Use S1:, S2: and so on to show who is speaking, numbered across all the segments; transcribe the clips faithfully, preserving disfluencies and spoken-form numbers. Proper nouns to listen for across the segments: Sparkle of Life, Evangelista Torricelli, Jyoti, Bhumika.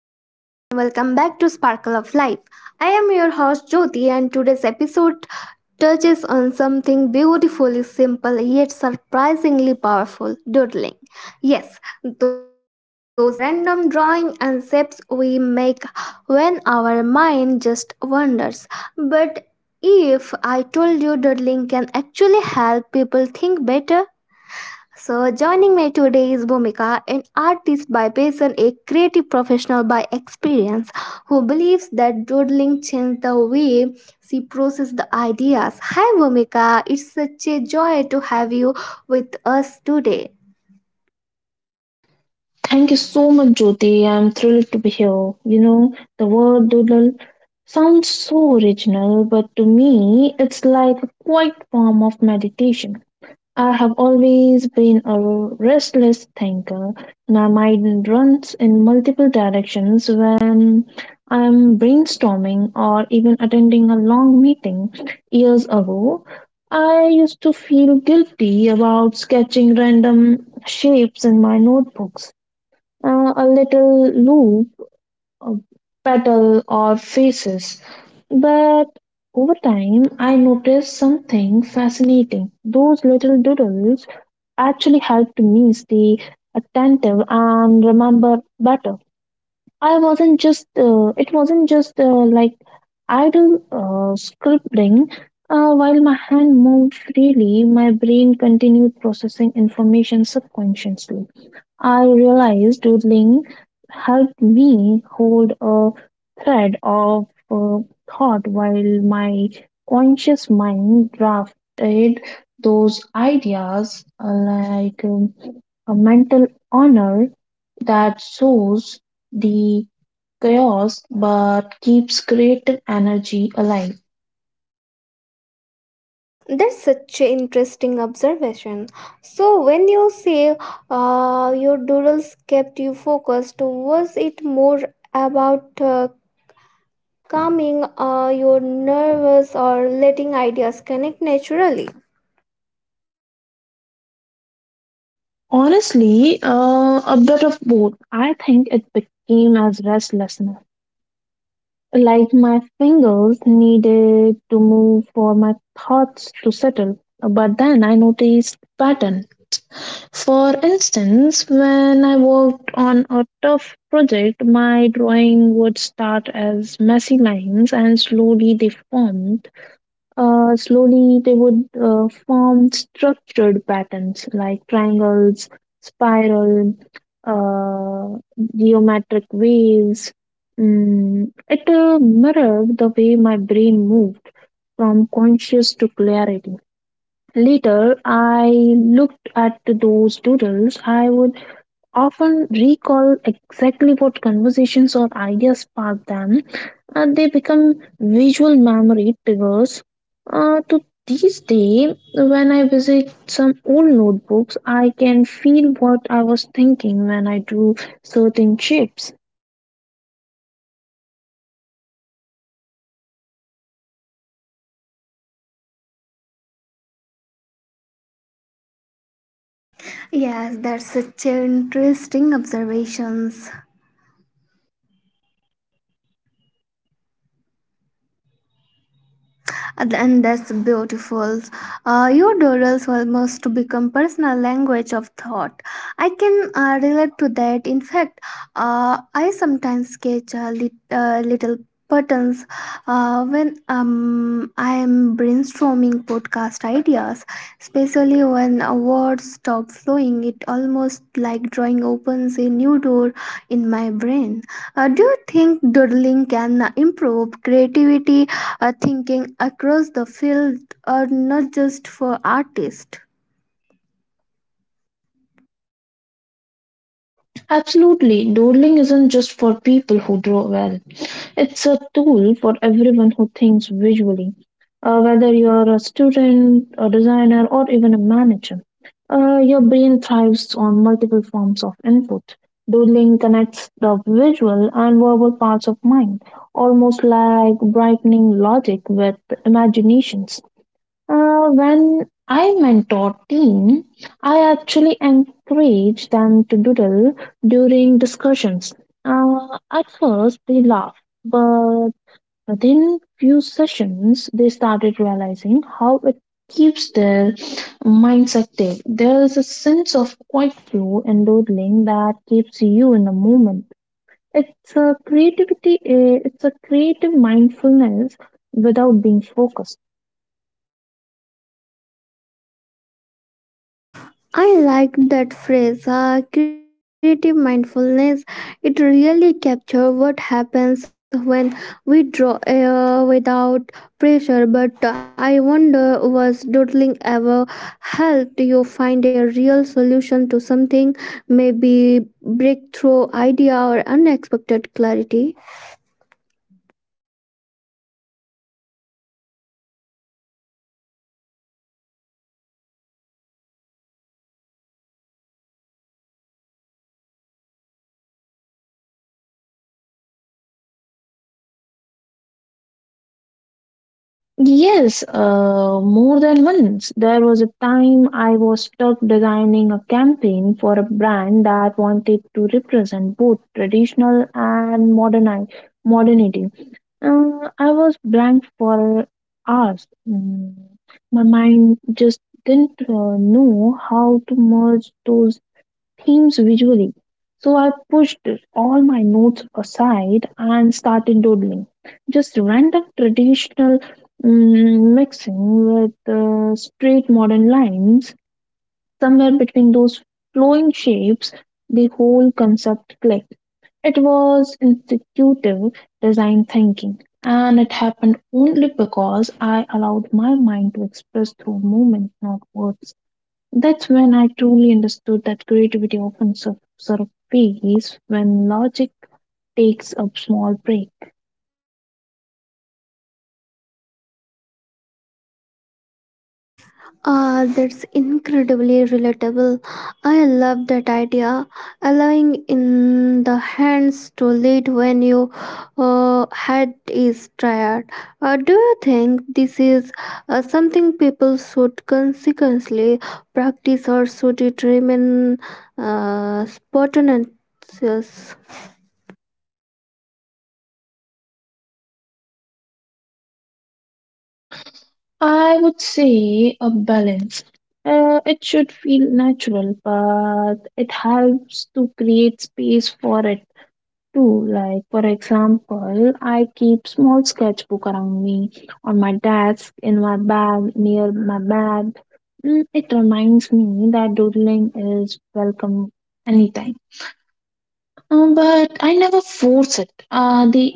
S1: Hello and welcome back to Sparkle of Life. I am your host Jyoti, and today's episode touches on something beautifully simple yet surprisingly powerful doodling. Yes, those random drawing and shapes we make when our mind just wanders. But if I told you doodling can actually help people think better so, joining me today is Bhumika, an artist by passion, a creative professional by experience, who believes that doodling changed the way she processes the ideas. Hi, Bhumika, it's such a joy to have you with us today.
S2: Thank you so much, Jyoti. I'm thrilled to be here. You know, the word doodle sounds so original, but to me, it's like a quiet form of meditation. I have always been a restless thinker. My mind runs in multiple directions when I'm brainstorming or even attending a long meeting. Years ago, I used to feel guilty about sketching random shapes in my notebooks, uh, a little loop, a petal, or faces. But over time, I noticed something fascinating. Those little doodles actually helped me stay attentive and remember better. I wasn't just, uh, it wasn't just uh, like idle uh, scribbling. Uh, while my hand moved freely, my brain continued processing information subconsciously. I realized doodling helped me hold a thread of uh, thought while my conscious mind drafted those ideas, uh, like um, a mental honor that sows the chaos but keeps creative energy alive.
S1: That's such an interesting observation. So, when you say uh, your doodles kept you focused, was it more about uh, calming uh, your nerves or letting ideas connect naturally.
S2: Honestly, uh, a bit of both. I think it became as restlessness. Like my fingers needed to move for my thoughts to settle. But then I noticed pattern. For instance, when I worked on a tough project, my drawing would start as messy lines and slowly they formed uh, slowly, they would uh, form structured patterns like triangles, spiral, uh, geometric waves. Mm, it uh, mirrored the way my brain moved from conscious to clarity. Later, I looked at those doodles. I would often recall exactly what conversations or ideas sparked them, and they become visual memory triggers. Uh, to this day, when I visit some old notebooks, I can feel what I was thinking when I drew certain shapes.
S1: Yes, that's such an interesting observations. And that's beautiful. Uh, your doodles almost become personal language of thought. I can uh, relate to that. In fact, uh, I sometimes sketch a lit- uh, little patterns uh, when um, I am brainstorming podcast ideas, especially when uh, words stop flowing. It almost like drawing opens a new door in my brain. Uh, do you think doodling can improve creativity uh, thinking across the field are not just for artists.
S2: Absolutely. Doodling isn't just for people who draw well. It's a tool for everyone who thinks visually. Uh, whether you're a student, a designer, or even a manager, uh, your brain thrives on multiple forms of input. Doodling connects the visual and verbal parts of mind, almost like brightening logic with imaginations. Uh, when I mentor team, I actually encourage them to doodle during discussions. Uh, at first, they laugh, but within few sessions, they started realizing how it keeps their minds active. There is a sense of quiet flow and doodling that keeps you in the moment. It's a creativity. Uh, It's a creative mindfulness without being focused.
S1: I like that phrase, uh, creative mindfulness. It really captures what happens when we draw air without pressure. But I wonder, was doodling ever helped you find a real solution to something, maybe breakthrough idea or unexpected clarity?
S2: Yes, uh, more than once. There was a time I was stuck designing a campaign for a brand that wanted to represent both traditional and moderni- modernity. Uh, I was blank for hours. Mm, My mind just didn't uh, know how to merge those themes visually. So I pushed all my notes aside and started doodling. Just random traditional, mm, mixing with uh, straight modern lines. Somewhere between those flowing shapes, the whole concept clicked. It was intuitive design thinking, and it happened only because I allowed my mind to express through movement, not words. That's when I truly understood that creativity often sur- surfaces when logic takes a small break.
S1: Ah, that's incredibly relatable. I love that idea. Allowing in the hands to lead when your uh, head is tired. Uh, do you think this is uh, something people should consequently practice, or should it remain uh, spontaneous?
S2: I would say a balance. Uh, it should feel natural, but it helps to create space for it too. Like, for example, I keep small sketchbook around me, on my desk, in my bag, near my bed. Mm, It reminds me that doodling is welcome anytime. Um, but I never force it. Uh, the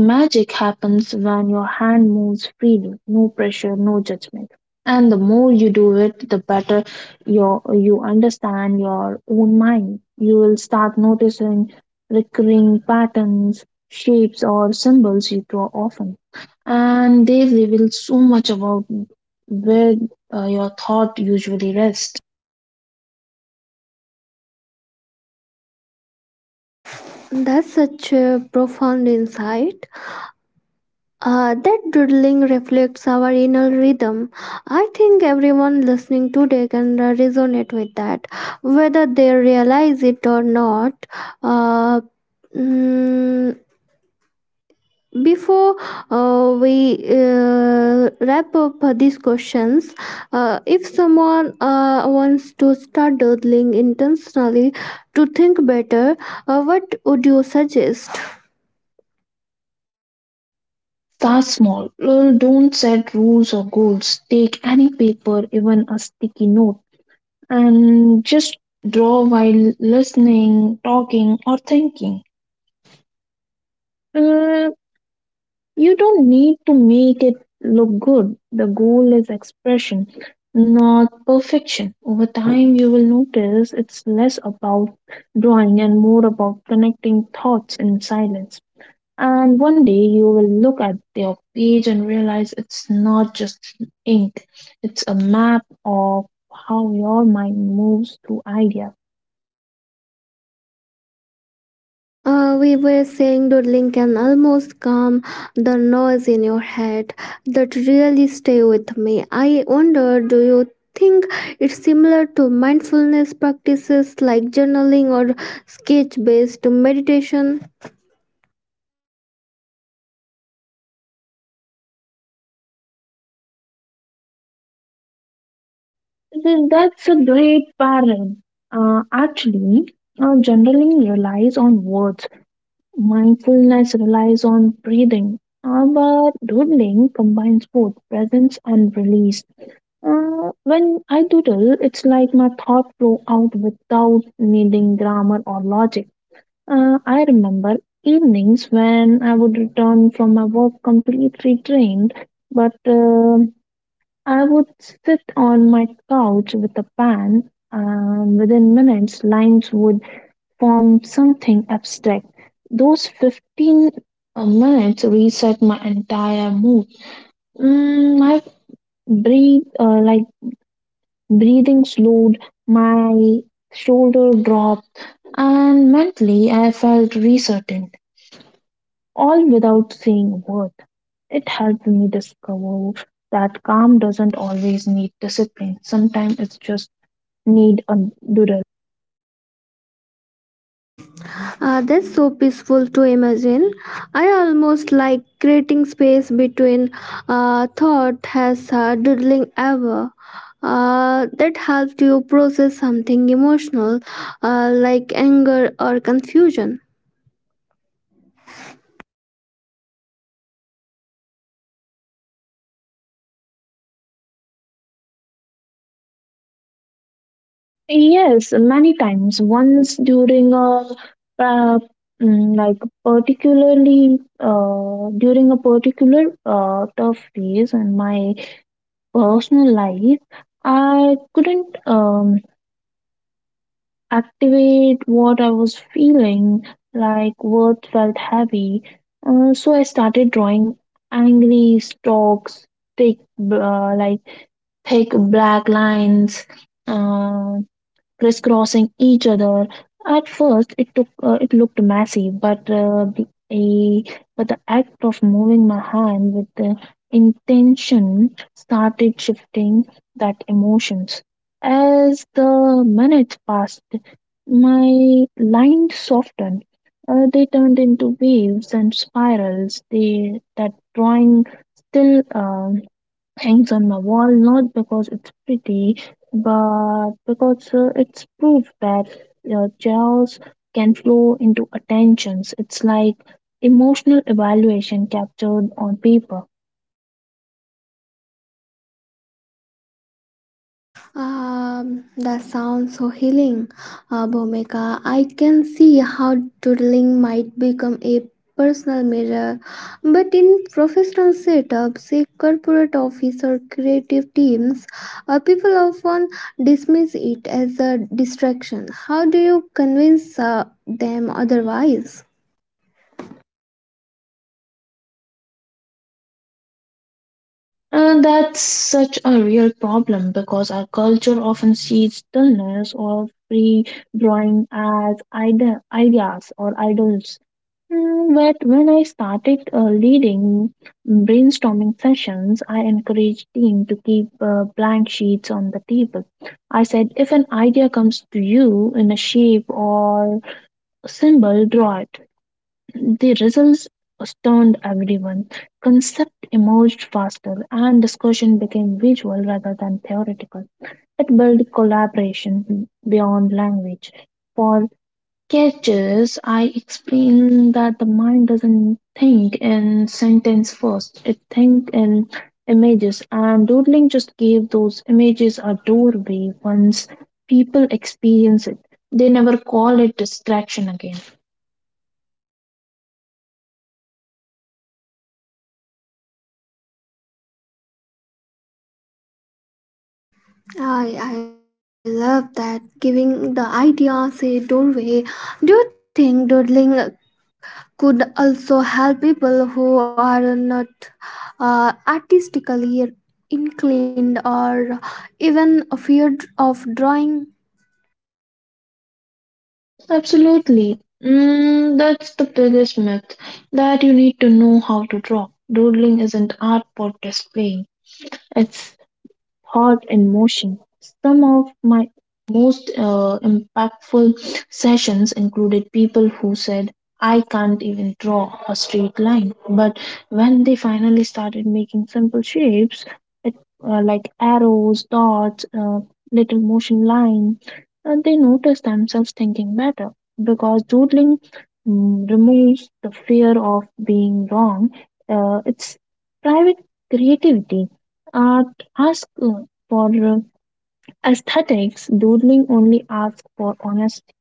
S2: magic happens when your hand moves freely, no pressure, no judgment. And the more you do it, the better your you understand your own mind. You will start noticing recurring patterns, shapes, or symbols you draw often, and they reveal so much about where uh, your thought usually rests.
S1: That's such a profound insight. Uh, that doodling reflects our inner rhythm. I think everyone listening today can uh, resonate with that, whether they realize it or not. Uh, mm, Before uh, we uh, wrap up uh, these questions, uh, if someone uh, wants to start doodling intentionally to think better, uh, what would you suggest?
S2: Start small. Uh, Don't set rules or goals. Take any paper, even a sticky note, and just draw while listening, talking, or thinking. Uh, you don't need to make it look good. The goal is expression, not perfection. Over time, you will notice it's less about drawing and more about connecting thoughts in silence. And one day you will look at their page and realize it's not just ink, it's a map of how your mind moves through ideas.
S1: Uh, we were saying doodling can almost calm the noise in your head that really stay with me. I wonder, do you think it's similar to mindfulness practices like journaling or sketch based meditation?
S2: Th- That's a great pattern. Uh, actually, uh, journaling relies on words, mindfulness relies on breathing, uh, but doodling combines both presence and release. Uh, when I doodle, it's like my thought flow out without needing grammar or logic. Uh, I remember evenings when I would return from my work completely drained, but um I would sit on my couch with a pen, and within minutes, lines would form something abstract. Those fifteen uh, minutes reset my entire mood. Mm, my breathe, uh, like breathing slowed, my shoulder dropped, and mentally I felt resetting, all without saying a word. It helped me discover that calm doesn't always need discipline. Sometimes it's just need a doodle.
S1: Uh, that's so peaceful to imagine. I almost like creating space between uh, thought has uh, doodling ever. Uh, that helped you process something emotional uh, like anger or confusion.
S2: Yes, many times. Once during a uh, mm, like particularly uh, during a particular uh, tough phase in my personal life, I couldn't um, activate what I was feeling, like words felt heavy. Uh, so I started drawing angry stalks, thick, uh, like thick black lines, uh, crisscrossing each other. At first, it took uh, it looked messy, but uh, the a, but the act of moving my hand with the intention started shifting that emotions. As the minutes passed, my lines softened. Uh, they turned into waves and spirals. They that drawing still. um hangs on my wall, not because it's pretty, but because uh, it's proof that uh, chaos can flow into attentions. It's like emotional evaluation captured on paper.
S1: Um, that sounds so healing, uh, Bhumika. I can see how doodling might become a personal mirror, but in professional setups, say corporate office or creative teams, uh, people often dismiss it as a distraction. How do you convince uh, them otherwise?
S2: And that's such a real problem because our culture often sees dullness or free drawing as ide- ideas or idols. Mm, But when I started uh, leading brainstorming sessions, I encouraged team to keep uh, blank sheets on the table. I said, if an idea comes to you in a shape or symbol, draw it. The results stunned everyone. Concept emerged faster, and discussion became visual rather than theoretical. It built collaboration beyond language. For catches, I explained that the mind doesn't think in sentence first; it thinks in images, and doodling just gave those images a doorway. Once people experience it, they never call it distraction again.
S1: I, I love that giving the idea a doorway. Do you think doodling could also help people who are not uh, artistically inclined or even afraid of drawing
S2: Absolutely. Mm, that's the biggest myth, that you need to know how to draw. Doodling isn't art for displaying, it's thought and motion. Some of my most uh, impactful sessions included people who said, I can't even draw a straight line. But when they finally started making simple shapes, it, uh, like arrows, dots, uh, little motion lines, uh, they noticed themselves thinking better, because doodling mm, removes the fear of being wrong. Uh, it's private creativity. Art ask for aesthetics, doodling only asks for honesty.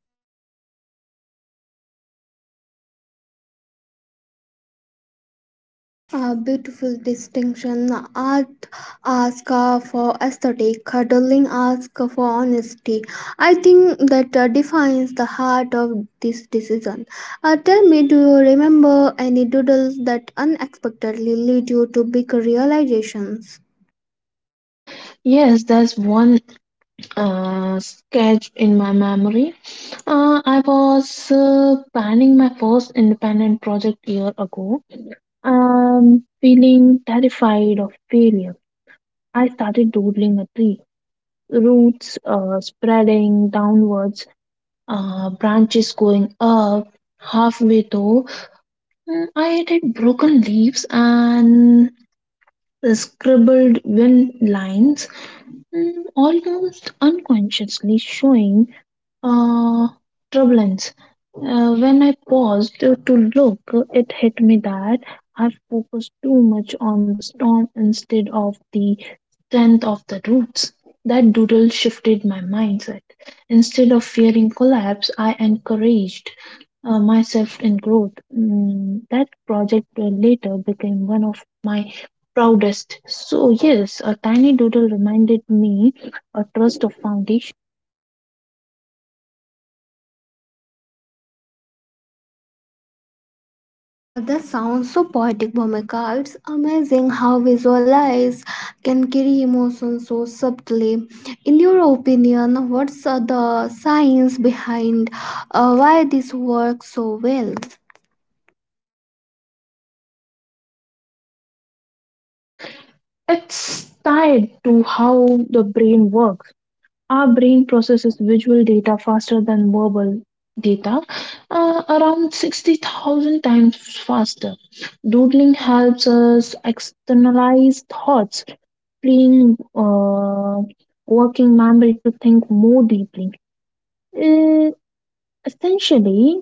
S1: a beautiful distinction art asks for aesthetic cuddling asks for honesty. I think that uh, defines the heart of this decision. Uh, tell me, do you remember any doodles that unexpectedly lead you to big realizations?
S2: Yes, there's one uh, sketch in my memory. Uh, I was uh, planning my first independent project year ago. Um, feeling terrified of failure, I started doodling a tree. Roots uh, spreading downwards, uh, branches going up. Halfway though, mm, I added broken leaves and the scribbled win lines, mm, almost unconsciously showing uh, turbulence. Uh, when I paused to look, it hit me that I focused too much on the storm instead of the strength of the roots. That doodle shifted my mindset. Instead of fearing collapse, I encouraged uh, myself in growth. Mm, that project uh, later became one of my proudest. So, yes, a tiny doodle reminded me a trust of foundation.
S1: Uh, that sounds so poetic, Bhumika. It's amazing how visualize can carry emotions so subtly. In your opinion, what's uh, the science behind uh, why this works so well?
S2: It's tied to how the brain works. Our brain processes visual data faster than verbal data, uh, around sixty thousand times faster. Doodling helps us externalize thoughts, freeing uh, working memory to think more deeply. Uh, essentially,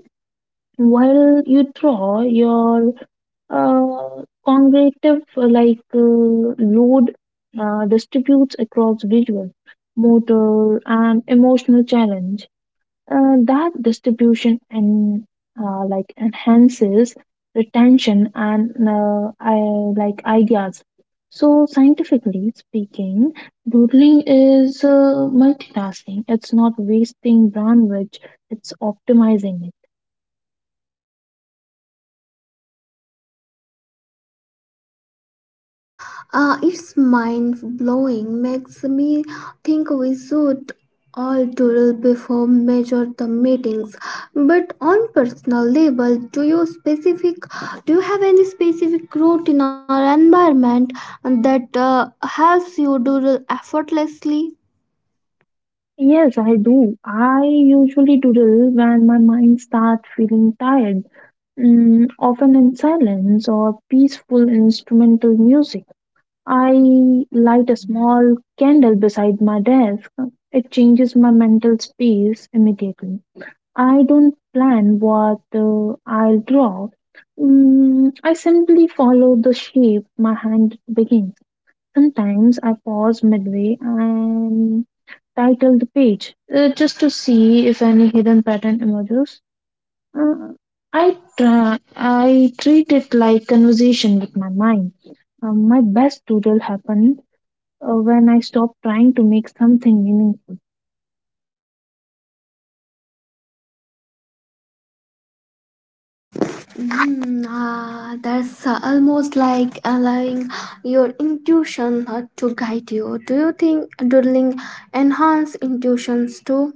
S2: while you draw, your uh, cognitive uh, like uh, load uh, distributes across visual, motor, and emotional challenge. Uh, that distribution and uh, like enhances retention and uh, I, like ideas. So scientifically speaking, doodling is uh, multitasking. It's not wasting bandwidth. It's optimizing it.
S1: Uh, it's mind blowing, makes me think we should all doodle before major the meetings. But on personal level, do you specific do you have any specific routine or environment that uh, helps you doodle effortlessly?
S2: Yes, I do. I usually doodle when my mind starts feeling tired, mm, often in silence or peaceful instrumental music. I light a small candle beside my desk. It changes my mental space immediately. I don't plan what uh, I'll draw. Mm, I simply follow the shape my hand begins. Sometimes I pause midway and title the page, uh, just to see if any hidden pattern emerges. Uh, I, tra- I treat it like conversation with my mind. Um, my best doodle happen uh, when I stop trying to make something meaningful.
S1: Mm, ah, that's uh, almost like allowing your intuition uh, to guide you. Do you think doodling enhance intuitions too?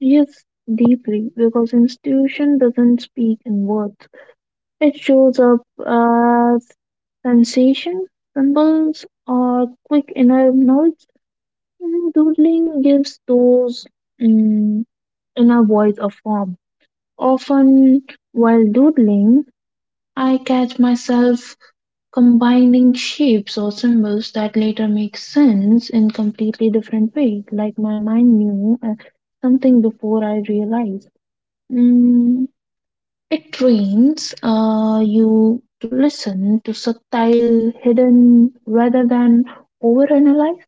S2: Yes, deeply, because institution doesn't speak in words. It shows up as sensation, symbols, or quick inner notes. And doodling gives those mm, inner voice a form. Often, while doodling, I catch myself combining shapes or symbols that later make sense in completely different way, like my mind knew uh, something before I realized. mm, it trains uh, you to listen to subtle hidden rather than overanalyze.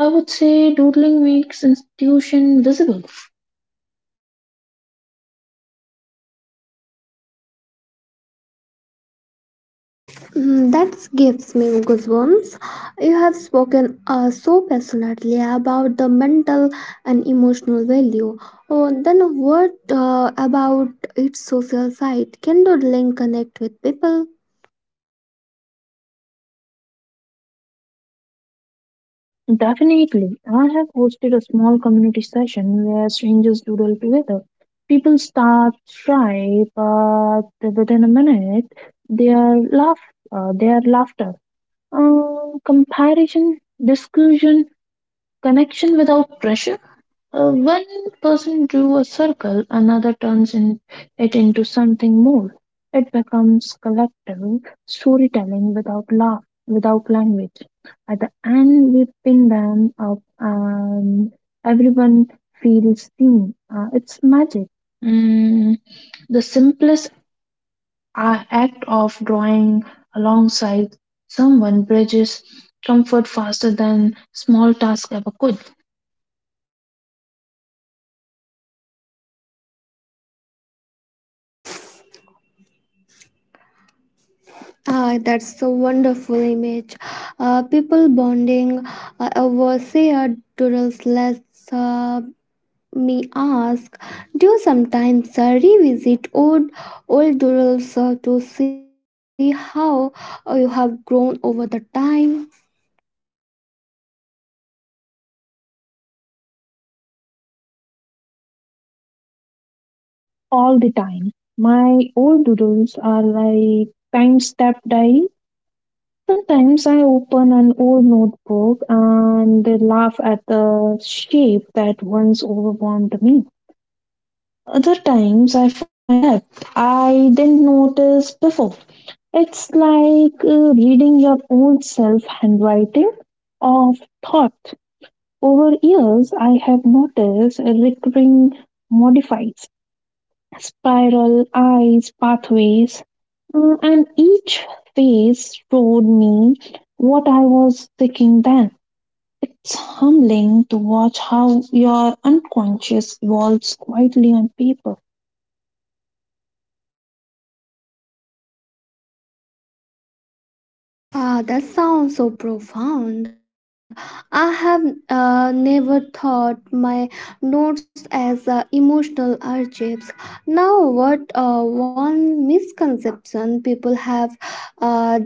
S2: I would say doodling makes institution visible.
S1: Mm, That gives me goosebumps. You have spoken uh, so passionately about the mental and emotional value. Oh, then what uh, about its social side? Can doodling connect with people?
S2: Definitely. I have hosted a small community session where strangers doodle together. People start shy, but within a minute, their laugh, uh, their laughter, uh, comparison, discussion, connection without pressure. Uh, one person drew a circle, another turns in, it into something more. It becomes collective storytelling without laugh, without language. At the end, we pin them up, and everyone feels seen. Uh, it's magic. Mm, the simplest a- act of drawing alongside someone bridges comfort faster than small task ever could.
S1: Ah, that's a wonderful image. Uh, people bonding uh, over shared doodles lets uh, me ask, do you sometimes uh, revisit old old doodles uh, to see how uh, you have grown over the time?
S2: All the time. My old doodles are like time-step diary. Sometimes I open an old notebook and laugh at the shape that once overwhelmed me. Other times I find depth I didn't notice before. It's like uh, reading your own self handwriting of thought. Over years, I have noticed a recurring modifies. Spiral eyes pathways. Mm, and each phase showed me what I was thinking then. It's humbling to watch how your unconscious evolves quietly on paper.
S1: Ah, that sounds so profound. I have uh, never thought my notes as uh, emotional archives. Now, what uh, one misconception people have uh,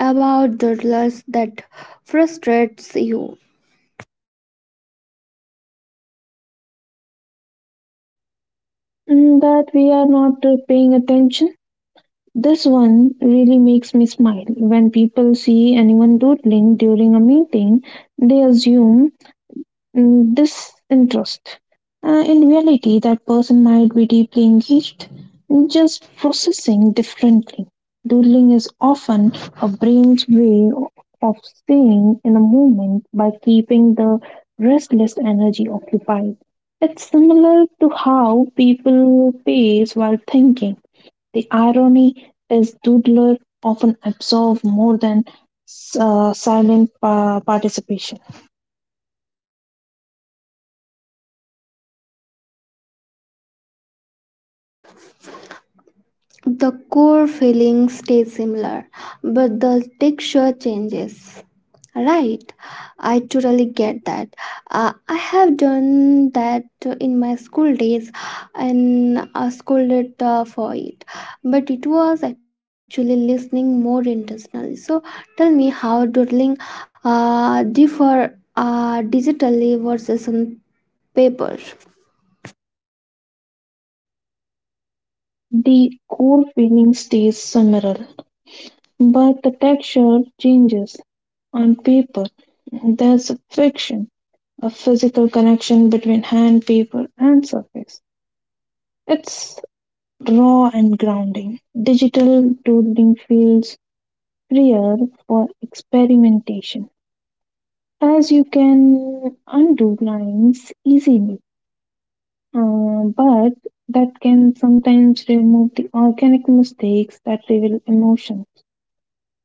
S1: about doodlers that frustrates you?
S2: Mm, that we are not uh, paying attention. This one really makes me smile. When people see anyone doodling during a meeting, they assume, mm, disinterest. Uh, in reality, that person might be deeply engaged, just processing differently. Doodling is often a brain's way of staying in a moment by keeping the restless energy occupied. It's similar to how people pace while thinking. The irony is, doodlers often absorb more than uh, silent uh, participation.
S1: The core feeling stays similar, but the texture changes. Right, I totally get that. Uh, I have done that in my school days and I scolded uh, for it, but it was actually listening more intentionally. So, tell me how doodling uh, differ uh, digitally versus on paper.
S2: The core feeling stays similar, but the texture changes. On paper, there's a friction, a physical connection between hand, paper, and surface. It's raw and grounding. Digital doodling feels freer for experimentation, as you can undo lines easily. Uh, but that can sometimes remove the organic mistakes that reveal emotion.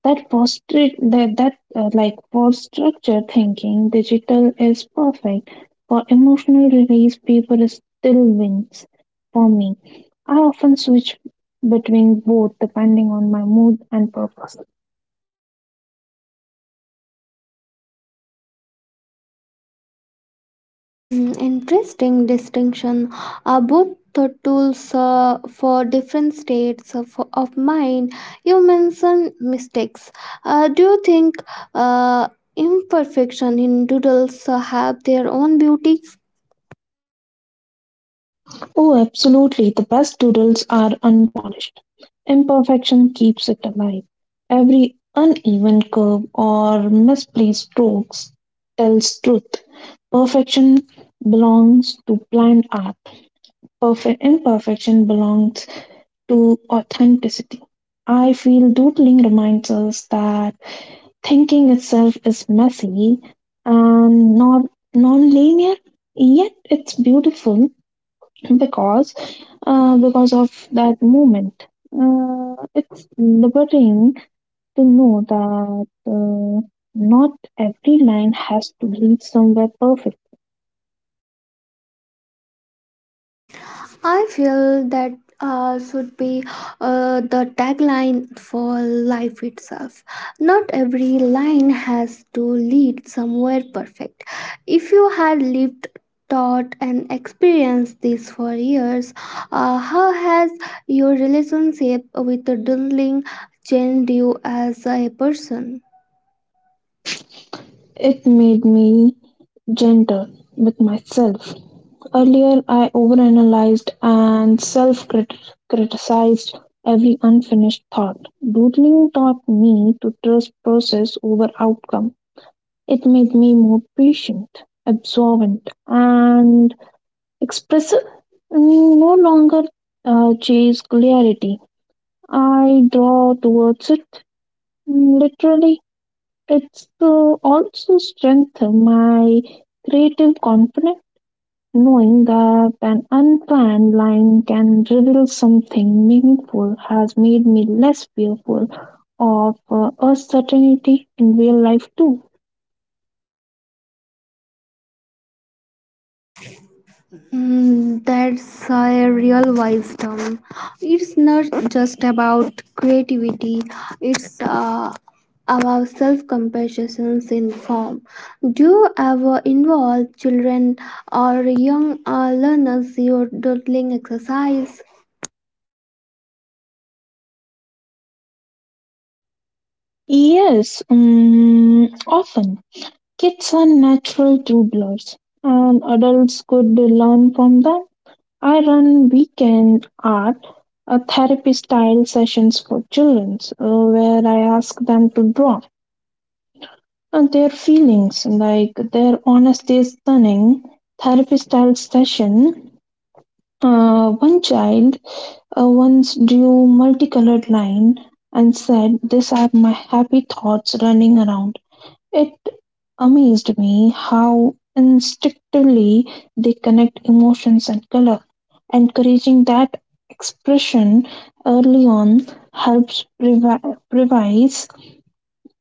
S2: That for strict that, that uh, like for structure thinking, digital is perfect. For emotional release, paper still wins for me. I often switch between both depending on my mood and purpose.
S1: Hmm, interesting distinction. Uh, both the tools uh, for different states of, of mind. You mentioned mistakes. Uh, do you think uh, imperfection in doodles uh, have their own beauty?
S2: Oh, absolutely. The best doodles are unpolished. Imperfection keeps it alive. Every uneven curve or misplaced strokes tells truth. Perfection belongs to blind art. Perfect imperfection belongs to authenticity. I feel doodling reminds us that thinking itself is messy and not non-linear, yet it's beautiful because uh, because of that moment. Uh, it's liberating to know that uh, not every line has to lead somewhere perfect.
S1: I feel that uh, should be uh, the tagline for life itself. Not every line has to lead somewhere perfect. If you had lived, taught, and experienced this for years, uh, how has your relationship with the doodling changed you as a person?
S2: It made me gentle with myself. Earlier, I overanalyzed and self criticized every unfinished thought. Doodling taught me to trust process over outcome. It made me more patient, absorbent, and expressive, and no longer uh, chase clarity. I draw towards it, literally it's to also strengthen my creative confidence. Knowing that an unplanned line can reveal something meaningful has made me less fearful of uh, uncertainty in real life too.
S1: Mm, that's a real wisdom. It's not just about creativity, it's uh, about self compassion in form. Do you ever involve children or young uh, learners in your doodling exercise?
S2: Yes, um, often kids are natural doodlers, and adults could learn from them. I run weekend art uh, therapy style sessions for children uh, where I ask them to draw uh, their feelings, like their honesty is stunning. Therapy style session. Uh, one child uh, once drew multicolored line and said, "These are my happy thoughts running around." It amazed me how instinctively they connect emotions and color. Encouraging that expression early on helps previ- previze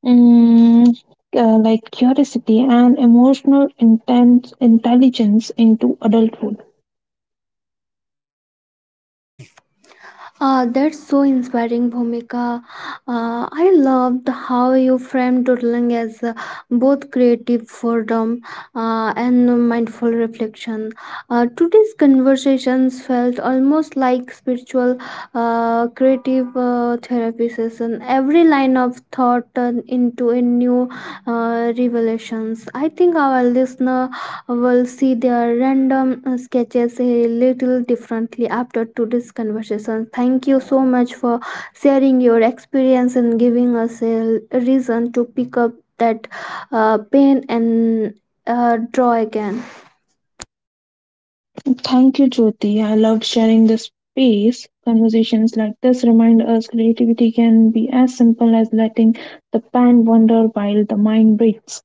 S2: mm, uh, like curiosity and emotional intent- intelligence into adulthood.
S1: Uh, that's so inspiring, Bhumika. Uh, I loved how you framed doodling as uh, both creative freedom uh, and mindful reflection. Uh, today's conversations felt almost like spiritual, uh, creative uh, therapy session. Every line of thought turned into a new uh, revelations. I think our listener will see their random uh, sketches a little differently after today's conversation. Thank you so much for sharing your experience and giving us a reason to pick up that uh, pen and uh, draw again.
S2: Thank you, Jyoti. I loved sharing this space. Conversations like this remind us creativity can be as simple as letting the pen wander while the mind breathes.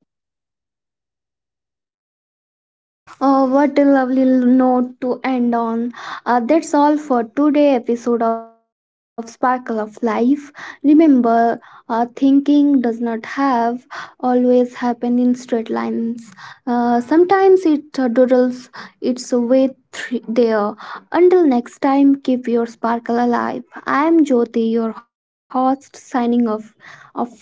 S1: Oh, what a lovely l- note to end on. Uh, that's all for today episode of Sparkle of Life. Remember, uh, thinking does not have always happen in straight lines. Uh, sometimes it uh, doodles its way thr- there. Until next time, keep your sparkle alive. I am Jyoti, your host, signing off, off for now.